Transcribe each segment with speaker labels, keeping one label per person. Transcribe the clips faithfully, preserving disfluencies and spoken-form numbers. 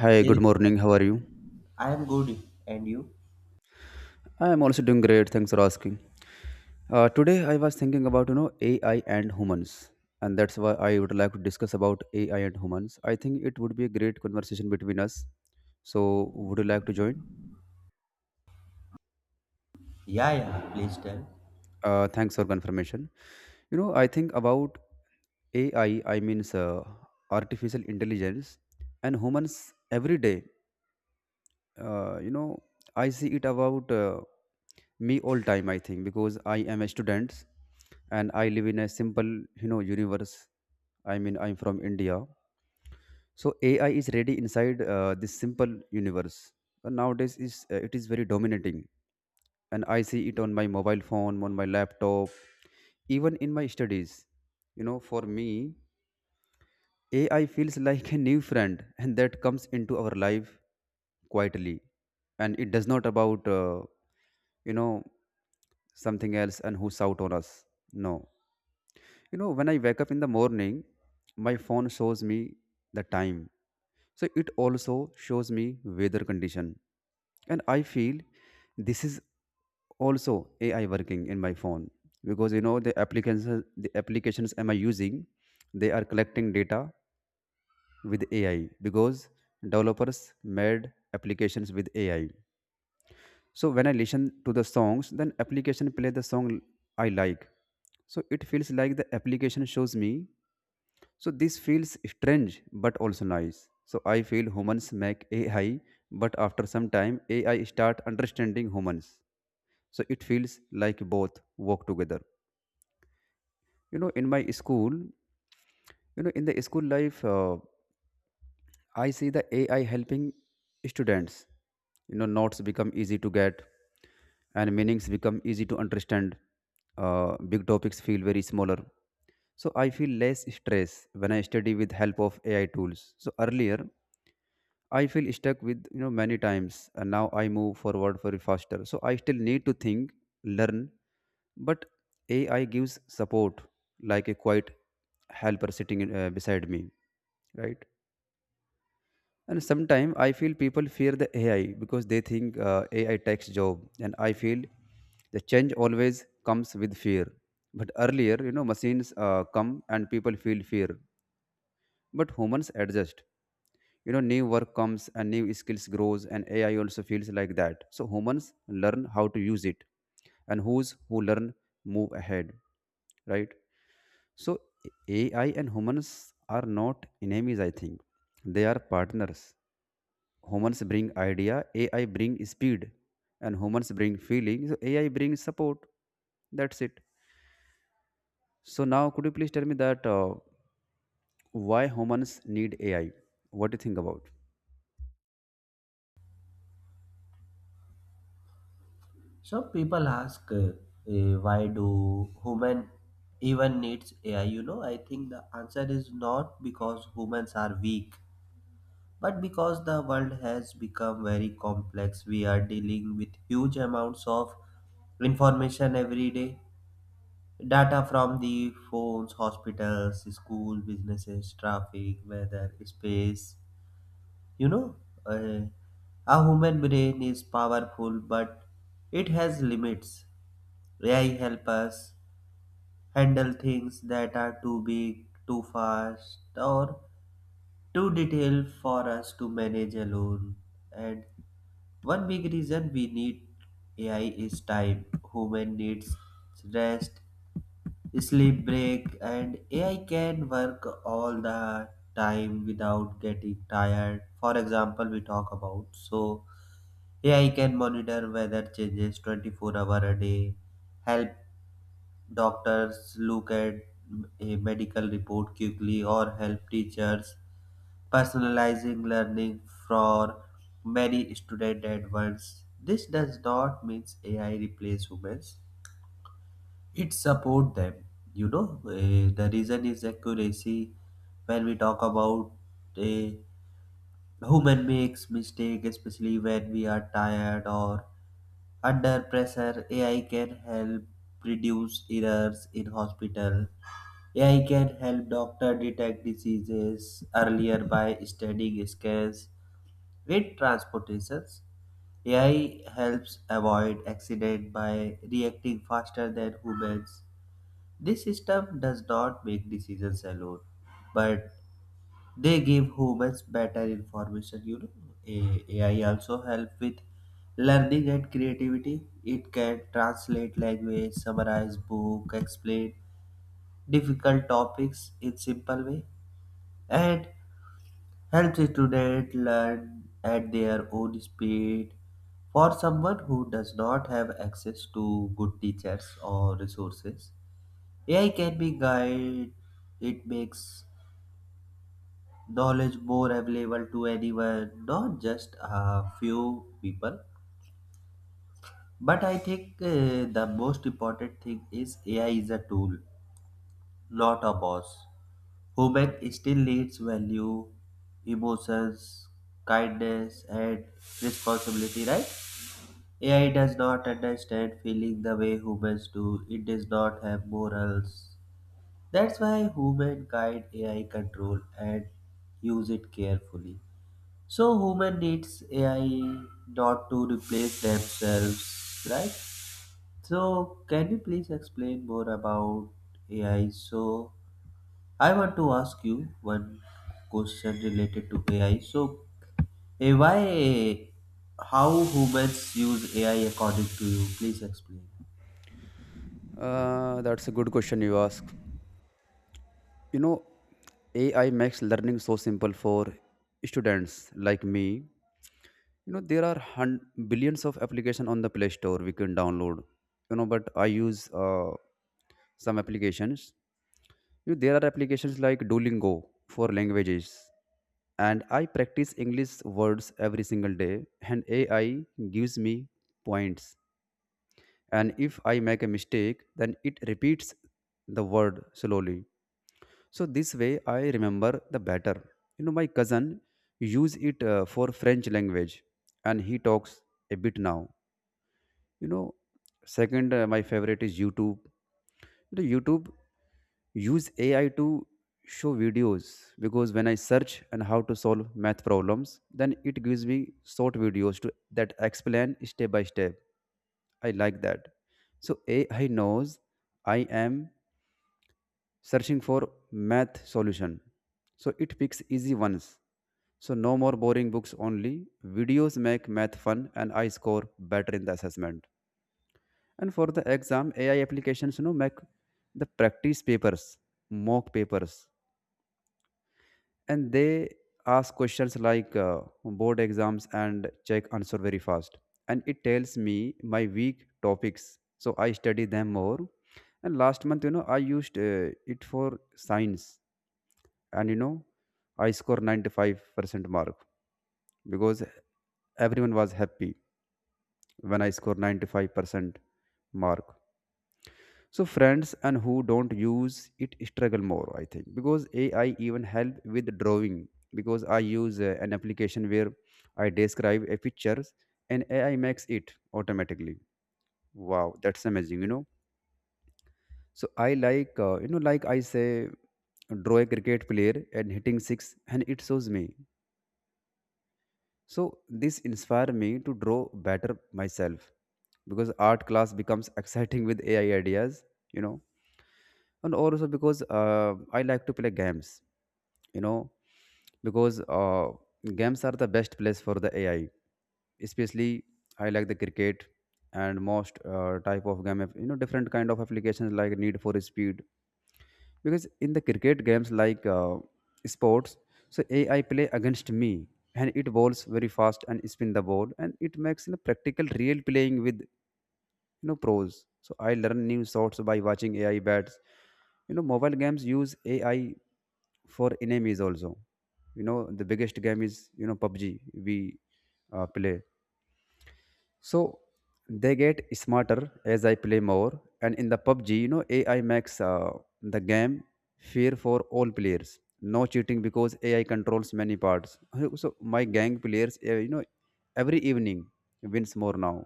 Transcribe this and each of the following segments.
Speaker 1: Hi, good
Speaker 2: Hey,
Speaker 1: morning. How are you?
Speaker 2: I am good. And you?
Speaker 1: I am also doing great. Thanks for asking. Uh, today I was thinking about you know A I and humans, and that's why I would like to discuss about A I and humans. I think it would be a great conversation between us. So, would you like to join?
Speaker 2: Yeah, yeah, please tell.
Speaker 1: Uh, thanks for confirmation. You know, I think about A I. I I means uh, artificial intelligence and humans every day, uh, you know I see it about uh, me all time, I think, because I am a student and I live in a simple, you know universe. I mean, I'm from India, so AI is ready inside uh, this simple universe. And nowadays is uh, it is very dominating, and I see it on my mobile phone, on my laptop, even in my studies. You know, for me, AI feels like a new friend, and that comes into our life quietly. And it does not about, uh, you know something else and who shout on us. No. You know, when I wake up in the morning, my phone shows me the time. So it also shows me weather condition, and I feel this is also AI working in my phone. Because, you know, the applications the applications am I using, they are collecting data with AI. Because developers made applications with AI. So when I listen to the songs, then application play the song I like. So it feels like the application shows me. So this feels strange but also nice. So I feel humans make AI, but after some time AI start understanding humans. So it feels like both work together. You know in my school you know in the school life, uh, I see the A I helping students. You know, notes become easy to get, and meanings become easy to understand. Uh, big topics feel very smaller. So I feel less stress when I study with help of A I tools. So earlier I feel stuck with, you know many times, and now I move forward very faster. So I still need to think, learn, but A I gives support like a quiet helper sitting in, uh, beside me, right? And sometimes I feel people fear the A I because they think uh, A I takes job, and I feel the change always comes with fear. But earlier, you know, machines uh, come and people feel fear, but humans adjust. You know, new work comes and new skills grows, and A I also feels like that. So humans learn how to use it, and who's who learn move ahead, right? So A I and humans are not enemies. I think they are partners. Humans bring idea, AI bring speed, and humans bring feeling, so AI brings support. That's it. So now, could you please tell me that uh, why humans need AI? What do you think about?
Speaker 2: Some people ask, uh, eh, why do human even needs A I? You know, I think the answer is not because humans are weak, but because the world has become very complex. We are dealing with huge amounts of information every day. Data from the phones, hospitals, schools, businesses, traffic, weather, space. You know, uh, a human brain is powerful, but it has limits. A I help us handle things that are too big, too fast, or too detailed for us to manage alone. And one big reason we need A I is time. Human needs rest, sleep break, and AI can work all the time without getting tired. For example, we talk about so AI can monitor weather changes twenty-four hour a day, help doctors look at a medical report quickly, or help teachers personalizing learning for many students at once. This does not mean AI replace humans, it support them, you know Eh, The reason is accuracy. When we talk about a human makes mistake, especially when we are tired or under pressure, AI can help reduce errors in hospital. AI can help doctor detect diseases earlier by studying scans. With transportations, AI helps avoid accident by reacting faster than humans. This system does not make decisions alone, but they give humans better information. You know, A- AI also help with learning and creativity. It can translate language, summarize book, explain difficult topics in simple way, and helps students learn at their own speed. For someone who does not have access to good teachers or resources, A I can be guide. It makes knowledge more available to anyone, not just a few people. But I think uh, the most important thing is A I is a tool, not a boss. Human still needs value, emotions, kindness, and responsibility, right? A I does not understand feeling the way humans do. It does not have morals. That's why human guide A I control and use it carefully. So human needs A I not to replace themselves, right? So can you please explain more about A I? So I want to ask you one question related to A I. So eh, why how humans use A I according to you? Please explain.
Speaker 1: Uh, that's a good question you ask. You know, AI makes learning so simple for students like me. You know, there are hun- billions of application on the play store we can download. You know, but I use uh, some applications. You know, there are applications like Duolingo for languages, and I practice English words every single day, and A I gives me points. And if I make a mistake, then it repeats the word slowly. So this way, I remember the better. You know, my cousin use it uh, for French language, and he talks a bit now. You know, second, uh, my favorite is YouTube. You know, YouTube use A I to show videos, because when I search and how to solve math problems, then it gives me short videos to that explain step by step. I like that. So A I knows I am searching for math solution. So it picks easy ones. So no more boring books only. Videos make math fun, and I score better in the assessment. And for the exam, A I applications, you know, make the practice papers, mock papers, and they ask questions like uh, board exams and check answer very fast. And it tells me my weak topics, so I study them more. And last month, you know, I used uh, it for science, and, you know, I scored ninety-five percent mark, because everyone was happy when I scored ninety-five percent mark. So friends and who don't use it struggle more, I think, because A I even help with drawing. Because I use uh, an application where I describe a pictures, and A I makes it automatically. Wow, that's amazing, you know. So I like, uh, you know, like I say, draw a cricket player and hitting six, and it shows me. So this inspire me to draw better myself, because art class becomes exciting with A I ideas, you know. And also because uh, I like to play games. You know, because, uh, games are the best place for the AI, especially I like the cricket. And most uh, type of game, you know, different kind of applications like need for speed. Because in the cricket games like, uh, sports, so AI play against me, and it bowls very fast and spin the ball, and it makes, you know, practical real playing with, you know, pros. So I learn new sorts by watching AI bats. You know, mobile games use AI for enemies also. You know, the biggest game is, you know, P U B G we uh, play. So they get smarter as I play more. And in the P U B G, you know, AI makes uh, the game fair for all players, no cheating, because AI controls many parts. So my gang players, uh, you know every evening wins more now.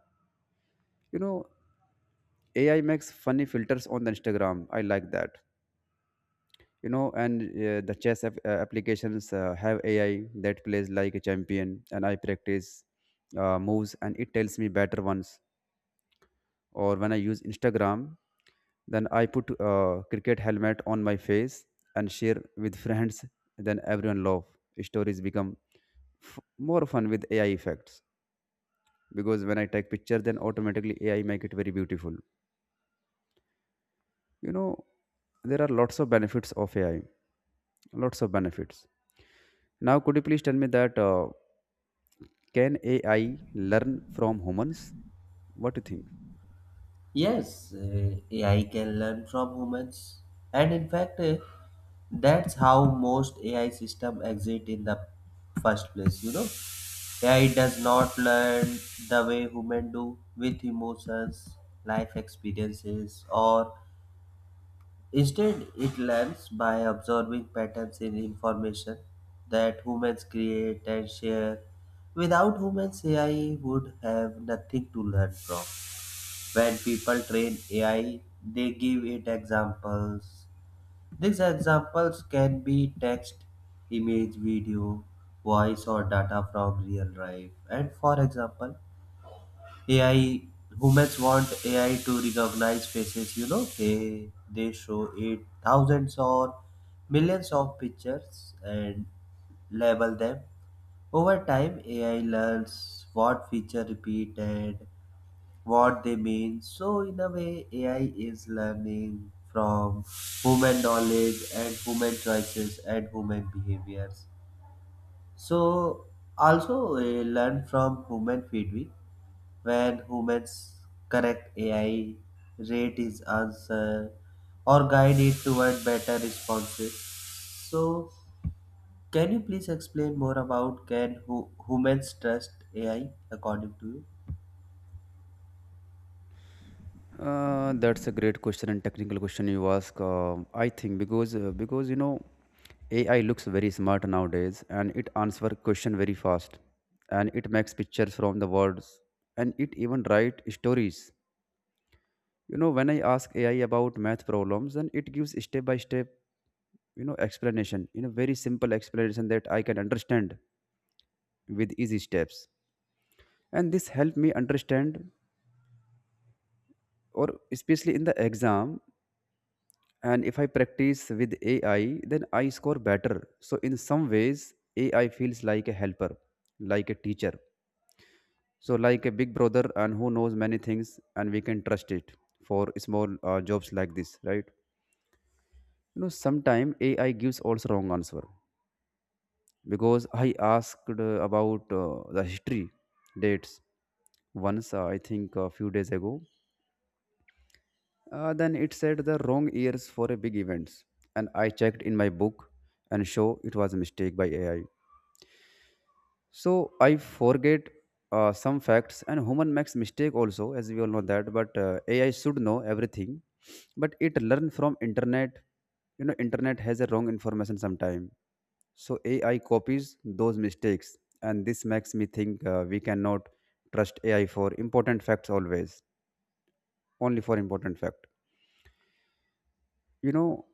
Speaker 1: You know, A I makes funny filters on the Instagram. I like that. You know, and uh, the chess app- uh, applications uh, have A I that plays like a champion, and I practice uh, moves, and it tells me better ones. Or when I use Instagram, then I put uh, cricket helmet on my face and share with friends. Then everyone love. Stories become f- more fun with A I effects, because when I take picture, then automatically A I make it very beautiful. You know, there are lots of benefits of A I. Lots of benefits. Now, could you please tell me that uh, can A I learn from humans? What do you think?
Speaker 2: Yes, uh, A I can learn from humans, and in fact, uh, that's how most A I system exist in the first place. You know, A I does not learn the way human do with emotions, life experiences, or instead it learns by observing patterns in information that humans create and share. Without humans, A I would have nothing to learn from. When people train A I, they give it examples. These examples can be text, image, video, voice, or data from real life. And for example, A I humans want A I to recognize faces. You know, they they show it thousands or millions of pictures and label them. Over time, A I learns what feature repeated what they mean. So, in a way, A I is learning from human knowledge and human choices and human behaviors. So, also uh, learn from human feedback. When humans correct A I, rate its answer, or guide it toward better responses. So, can you please explain more about can hu- humans trust A I according to you?
Speaker 1: Uh, that's a great question and technical question you ask. Uh, I think because uh, because you know, A I looks very smart nowadays, and it answers question very fast, and it makes pictures from the words, and it even write stories. You know, when I ask A I about math problems, and it gives step by step, you know, explanation, you know, very simple explanation that I can understand with easy steps. And this helped me understand, or especially in the exam. And if I practice with AI, then I score better. So in some ways, AI feels like a helper, like a teacher, so like a big brother and who knows many things, and we can trust it for small uh, jobs like this, right? You know, sometimes AI gives also wrong answer, because I asked uh, about uh, the history dates once, uh, I think a few days ago. Uh, then it said the wrong years for a big events, and I checked in my book and show it was a mistake by A I. So I forget uh, some facts, and human makes mistake also, as we all know that. But uh, A I should know everything, but it learn from internet. You know, internet has a wrong information sometime, so A I copies those mistakes, and this makes me think uh, we cannot trust A I for important facts always, only for important fact. You know,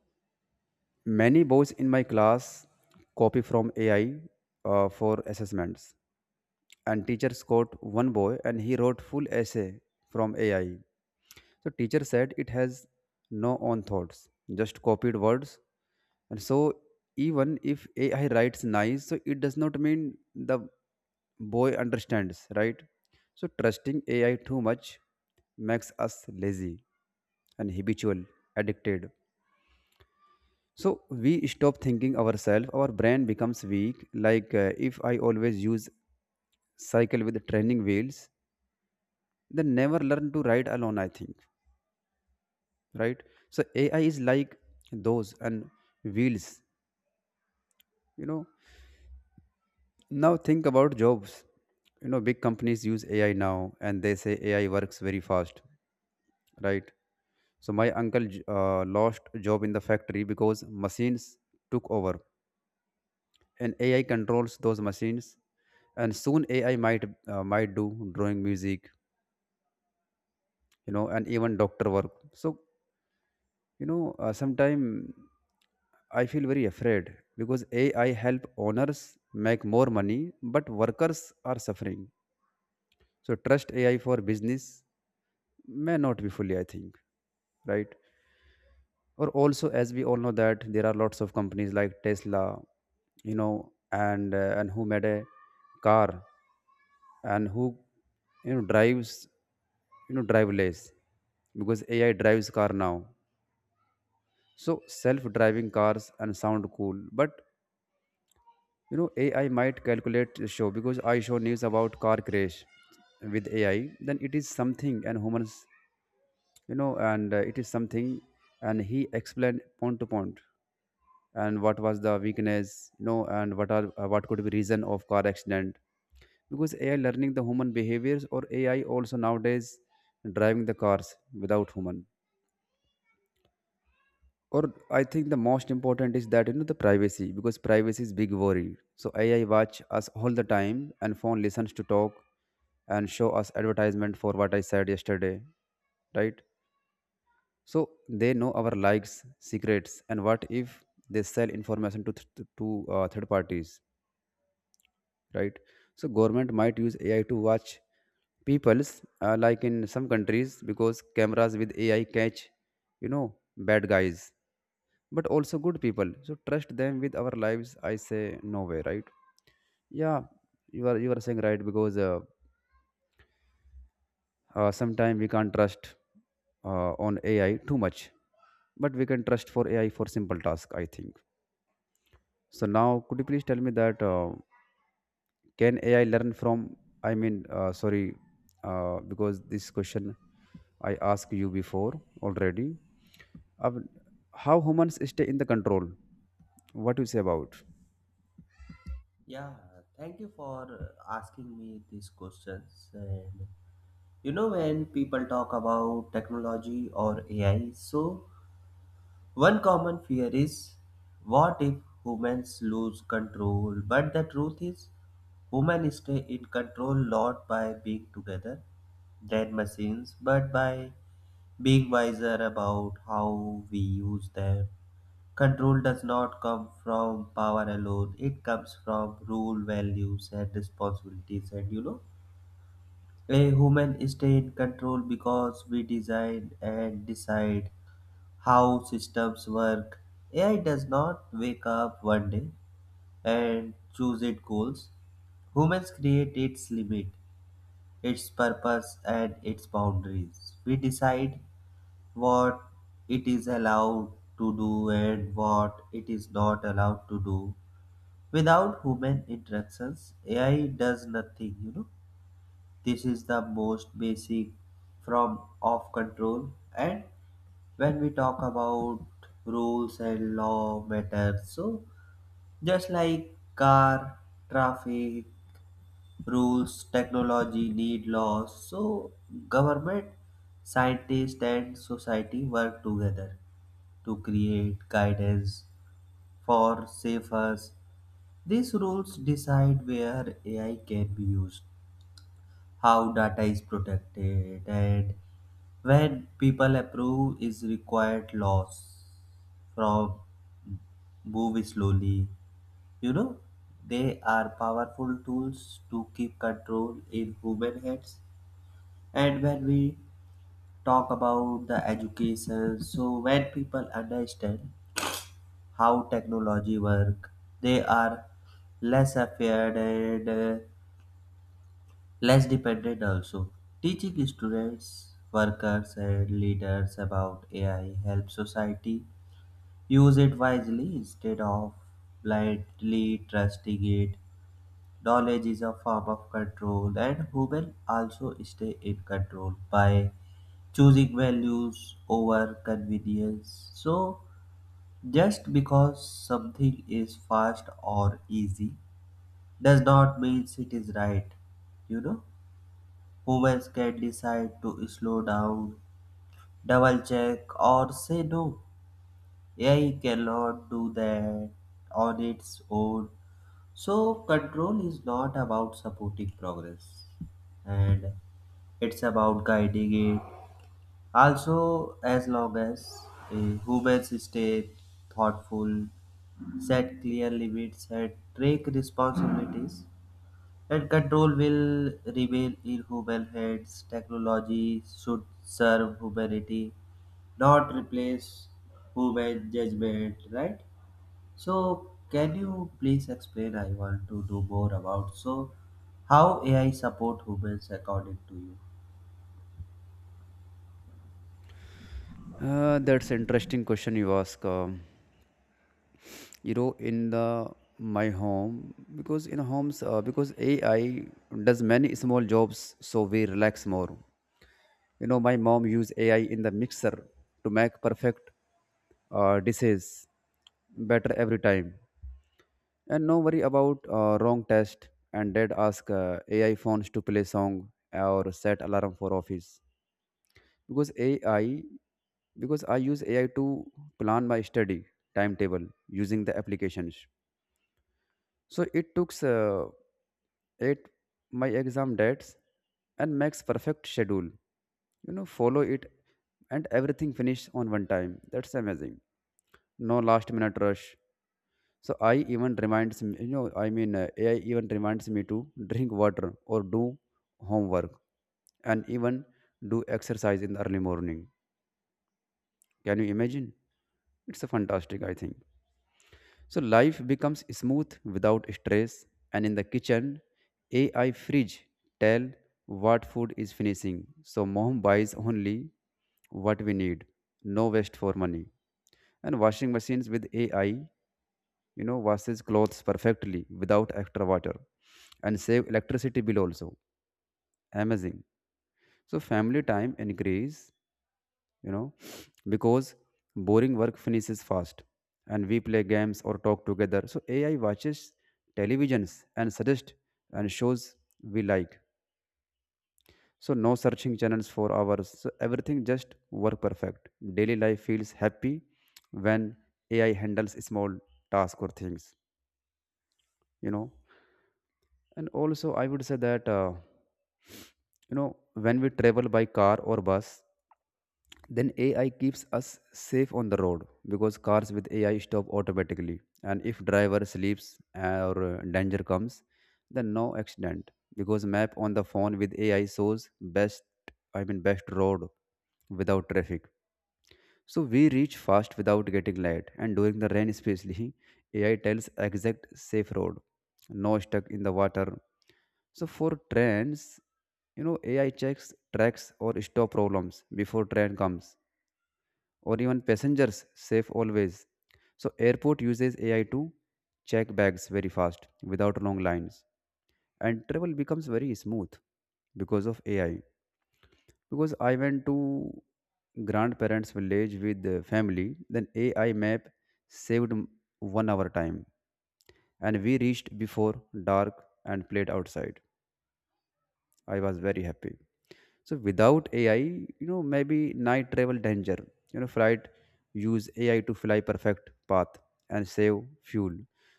Speaker 1: many boys in my class copy from A I uh, for assessments, and teachers caught one boy, and he wrote full essay from A I. So teacher said it has no own thoughts, just copied words. And so even if A I writes nice, so it does not mean the boy understands, right? So trusting A I too much makes us lazy and habitual, addicted. So we stop thinking ourselves, our brain becomes weak. Like, uh, if I always use cycle with training wheels, then never learn to ride alone, I think. Right? So A I is like those and wheels, you know. Now think about jobs. You know, big companies use A I now, and they say A I works very fast, right? So my uncle j- uh, lost job in the factory because machines took over, and A I controls those machines. And soon A I might uh, might do drawing, music, you know, and even doctor work. So, you know, uh, sometimes I feel very afraid because A I help owners make more money, but workers are suffering. So trust A I for business may not be fully, I think, right? Or also, as we all know that there are lots of companies like Tesla, you know, and uh, and who made a car and who you know drives you know driveless because A I drives car now. So self-driving cars and sound cool, but you know A I might calculate the show because I show news about car crash with A I. Then it is something and humans, you know and uh, it is something, and he explained point to point and what was the weakness, you know, and what are uh, what could be reason of car accident because A I learning the human behaviors, or A I also nowadays driving the cars without human. Or I think the most important is that, you know, the privacy, because privacy is big worry. So A I watch us all the time and phone listens to talk and show us advertisement for what I said yesterday, right? So they know our likes, secrets, and what if they sell information to th- to uh, third parties? Right. So government might use AI to watch people's, uh, like in some countries, because cameras with AI catch, you know, bad guys, but also good people. So trust them with our lives? I say no way, right? Yeah. You are you are saying right because, uh, uh, sometimes we can't trust uh, on AI too much, but we can trust for AI for simple task, I think. So now could you please tell me that, uh, can A I learn from? I mean, uh, sorry, uh, because this question I asked you before already. Of how humans stay in the control? What do you say about?
Speaker 2: Yeah, thank you for uh, asking me these questions. And you know, when people talk about technology or A I, so one common fear is what if humans lose control? But the truth is, humans stay in control not by being together than machines, but by being wiser about how we use them. Control does not come from power alone. It comes from rule, values, and responsibilities. And you know, a human stay in control because we design and decide how systems work. A I does not wake up one day and choose its goals. Humans create its limit, its purpose, and its boundaries. We decide what it is allowed to do and what it is not allowed to do. Without human interactions, A I does nothing, you know. This is the most basic from of control. And when we talk about rules and law matters, so just like car traffic rules, technology need laws. So government, scientists and society work together to create guidance for safers. These rules decide where A I can be used, how data is protected, and when people approve is required laws from move slowly. You know, they are powerful tools to keep control in human hands. And when we talk about the education, so when people understand how technology work, they are less afraid and uh, less dependent also. Teaching students, workers and leaders about A I helps society use it wisely instead of blindly trusting it. Knowledge is a form of control, and humans also stay in control by choosing values over convenience. So, just because something is fast or easy does not mean it is right. You know, humans can decide to slow down, double check, or say no. A I cannot do that on its own. So, control is not about supporting progress, and it's about guiding it. Also, as long as uh, humans stay thoughtful, set clear limits, and take responsibilities, and control will remain in human hands. Technology should serve humanity, not replace human judgment, right? So, can you please explain? I want to know more about so how A I support humans according to you.
Speaker 1: Uh, that's interesting question you ask. Um, you know, in the my home, because in homes, uh, because A I does many small jobs, so we relax more. You know, my mom use A I in the mixer to make perfect uh, dishes better every time, and no worry about uh, wrong test. And did ask, uh, AI phones to play song or set alarm for office. Because ai because I use AI to plan my study timetable using the applications. So it took uh, it my exam dates and makes perfect schedule, you know, follow it, and everything finish on one time. That's amazing. No last minute rush. So I even reminds me, you know, I mean, uh, A I even reminds me to drink water or do homework and even do exercise in the early morning. Can you imagine? It's a fantastic, I think. So life becomes smooth without stress. And in the kitchen, A I fridge tell what food is finishing. So mom buys only what we need. No waste for money. And washing machines with A I, you know, washes clothes perfectly without extra water and save electricity bill also. Amazing. So family time increase, you know, because boring work finishes fast, and we play games or talk together. So AI watches televisions and suggest and shows we like, so no searching channels for hours. So everything just work perfect. Daily life feels happy when AI handles small tasks or things, you know. And also I would say that, uh, you know, when we travel by car or bus, then AI keeps us safe on the road, because cars with AI stop automatically. And if driver sleeps, uh, or uh, danger comes, then no accident. Because map on the phone with AI shows best, I mean best road, without traffic. So we reach fast without getting late. And during the rain especially, AI tells exact safe road, no stuck in the water. So for trends, you know, A I checks tracks or stop problems before train comes, or even passengers safe always. So airport uses A I to check bags very fast without long lines, and travel becomes very smooth because of A I. Because I went to grandparents' village with the family, then A I map saved m- one hour time, and we reached before dark and played outside. I was very happy. So without A I, you know, maybe night travel danger. You know, flight use A I to fly perfect path and save fuel.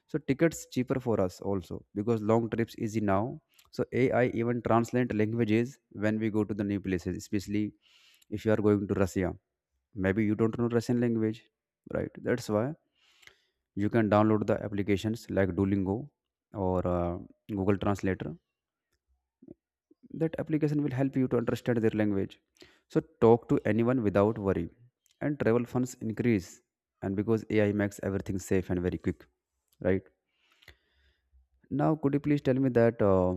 Speaker 1: So tickets cheaper for us also because long trips easy now. So A I even translate languages when we go to the new places, especially if you are going to Russia. Maybe you don't know Russian language, right? That's why you can download the applications like Duolingo, or uh, Google Translator. That application will help you to understand their language, so talk to anyone without worry, and travel funds increase, and because AI makes everything safe and very quick, right? Now could you please tell me that, uh,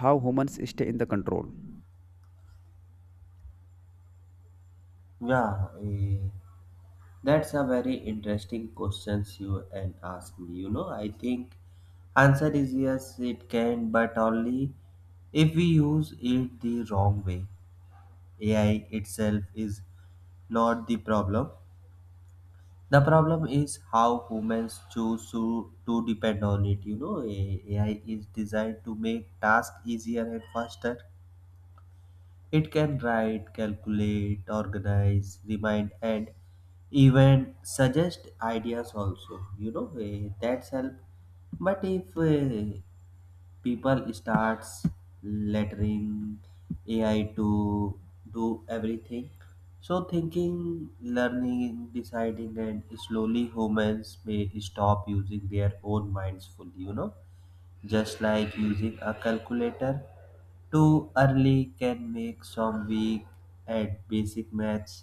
Speaker 1: how humans stay in the control?
Speaker 2: Yeah, eh, that's a very interesting questions you and ask me. You know, I think answer is yes, it can, but only if we use it the wrong way. A I itself is not the problem. The problem is how humans choose to, to depend on it. You know, A- AI is designed to make tasks easier and faster. It can write, calculate, organize, remind, and even suggest ideas also. You know, eh, that's help. But if eh, people starts lettering A I to do everything. So thinking, learning, deciding, and slowly humans may stop using their own minds fully. You know, just like using a calculator too early can make some weak at basic maths,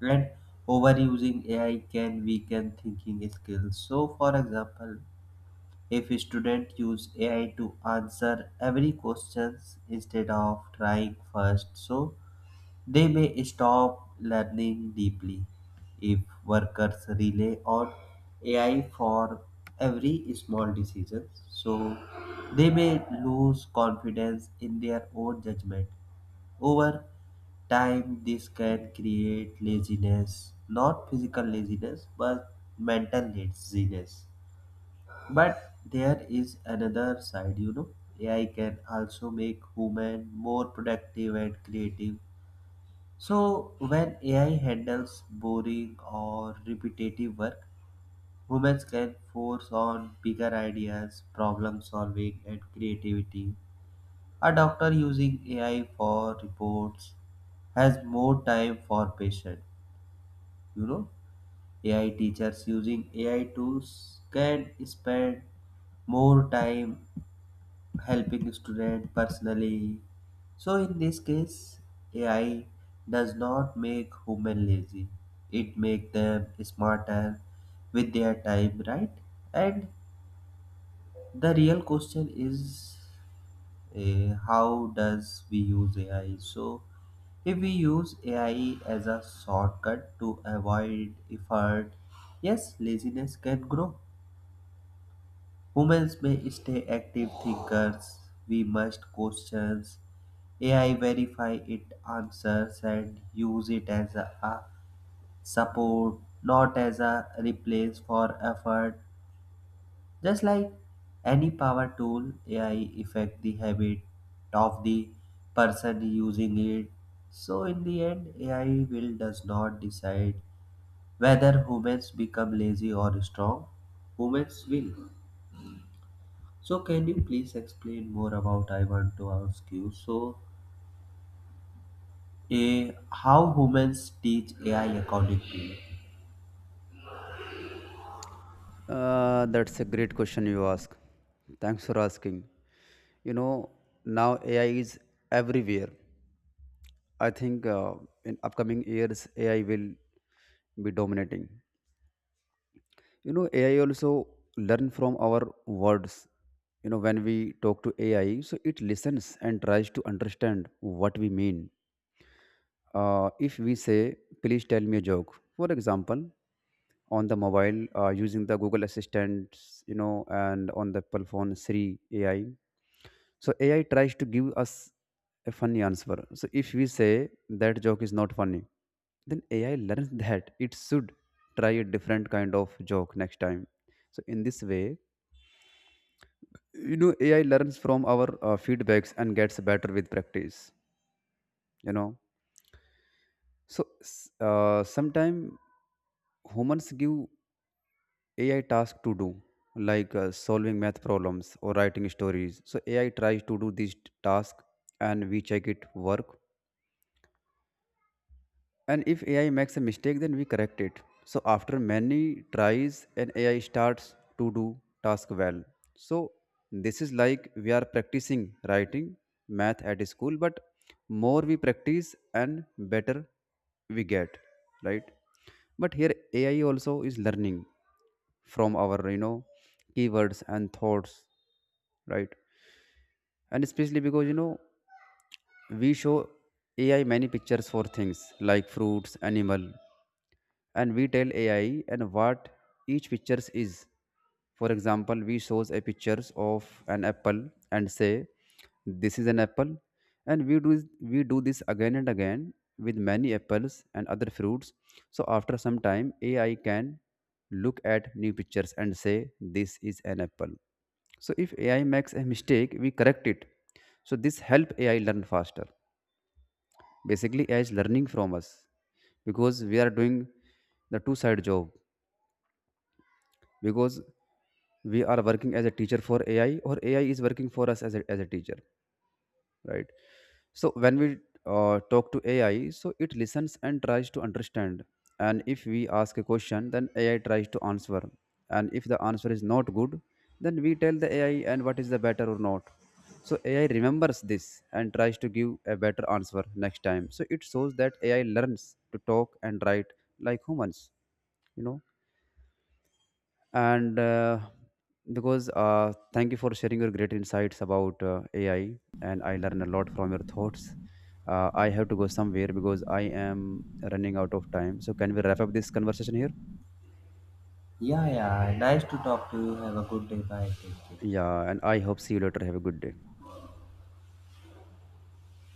Speaker 2: and overusing A I can weaken thinking skills. So, for example, if students use A I to answer every questions instead of trying first, so they may stop learning deeply. If workers rely on A I for every small decision, so they may lose confidence in their own judgment. Over time, this can create laziness, not physical laziness, but mental laziness. But there is another side, you know. A I can also make human more productive and creative. So when A I handles boring or repetitive work, humans can force on bigger ideas, problem solving and creativity. A doctor using A I for reports has more time for patient. You know, A I teachers using A I tools can spend more time helping student personally. So in this case, A I does not make human lazy. It make them smarter with their time, right? And the real question is uh, how does we use A I? So if we use A I as a shortcut to avoid effort, yes, laziness can grow. Humans may stay active thinkers. We must question A I, verify its answers, and use it as a, a support, not as a replace for effort. Just like any power tool, A I affect the habit of the person using it. So in the end, A I will does not decide whether humans become lazy or strong. Humans will. So can you please explain more about I want to ask you so eh, how humans teach A I according to you?
Speaker 1: uh, That's a great question you ask. Thanks for asking. You know, now AI is everywhere. I think, uh, in upcoming years AI will be dominating. You know, AI also learn from our words. You know, when we talk to AI, so it listens and tries to understand what we mean. Uh, if we say please tell me a joke, for example, on the mobile, uh, using the Google Assistant, you know, and on the Apple phone Siri AI. So AI tries to give us a funny answer. So if we say that joke is not funny, then A I learns that it should try a different kind of joke next time. So in this way, you know, A I learns from our uh, feedbacks and gets better with practice. You know, so s- uh, sometimes humans give A I tasks to do, like uh, solving math problems or writing stories. So A I tries to do these tasks, and we check it work. And if A I makes a mistake, then we correct it. So after many tries, an A I starts to do task well. So this is like we are practicing writing math at school, but more we practice and better we get, right? But here A I also is learning from our, you know, keywords and thoughts, right? And especially because, you know, we show A I many pictures for things like fruits, animal, and we tell A I and what each pictures is. For example, we shows a pictures of an apple and say this is an apple, and we do we do this again and again with many apples and other fruits. So after some time A I can look at new pictures and say this is an apple. So if A I makes a mistake, we correct it. So this help A I learn faster. Basically AI is learning from us, because we are doing the two side job, because we are working as a teacher for AI, or AI is working for us as a, as a teacher, right? So when we uh, talk to A I, so it listens and tries to understand. And if we ask a question, then A I tries to answer. And if the answer is not good, then we tell the A I and what is the better or not. So A I remembers this and tries to give a better answer next time. So it shows that A I learns to talk and write like humans, you know. And uh, because uh, thank you for sharing your great insights about uh, AI, and I learned a lot from your thoughts. uh, I have to go somewhere because I am running out of time, so can we wrap up this conversation here?
Speaker 2: Yeah, yeah. Nice to talk to you. Have a good day. Bye. Take care.
Speaker 1: Yeah, and I hope see you later. Have a good day.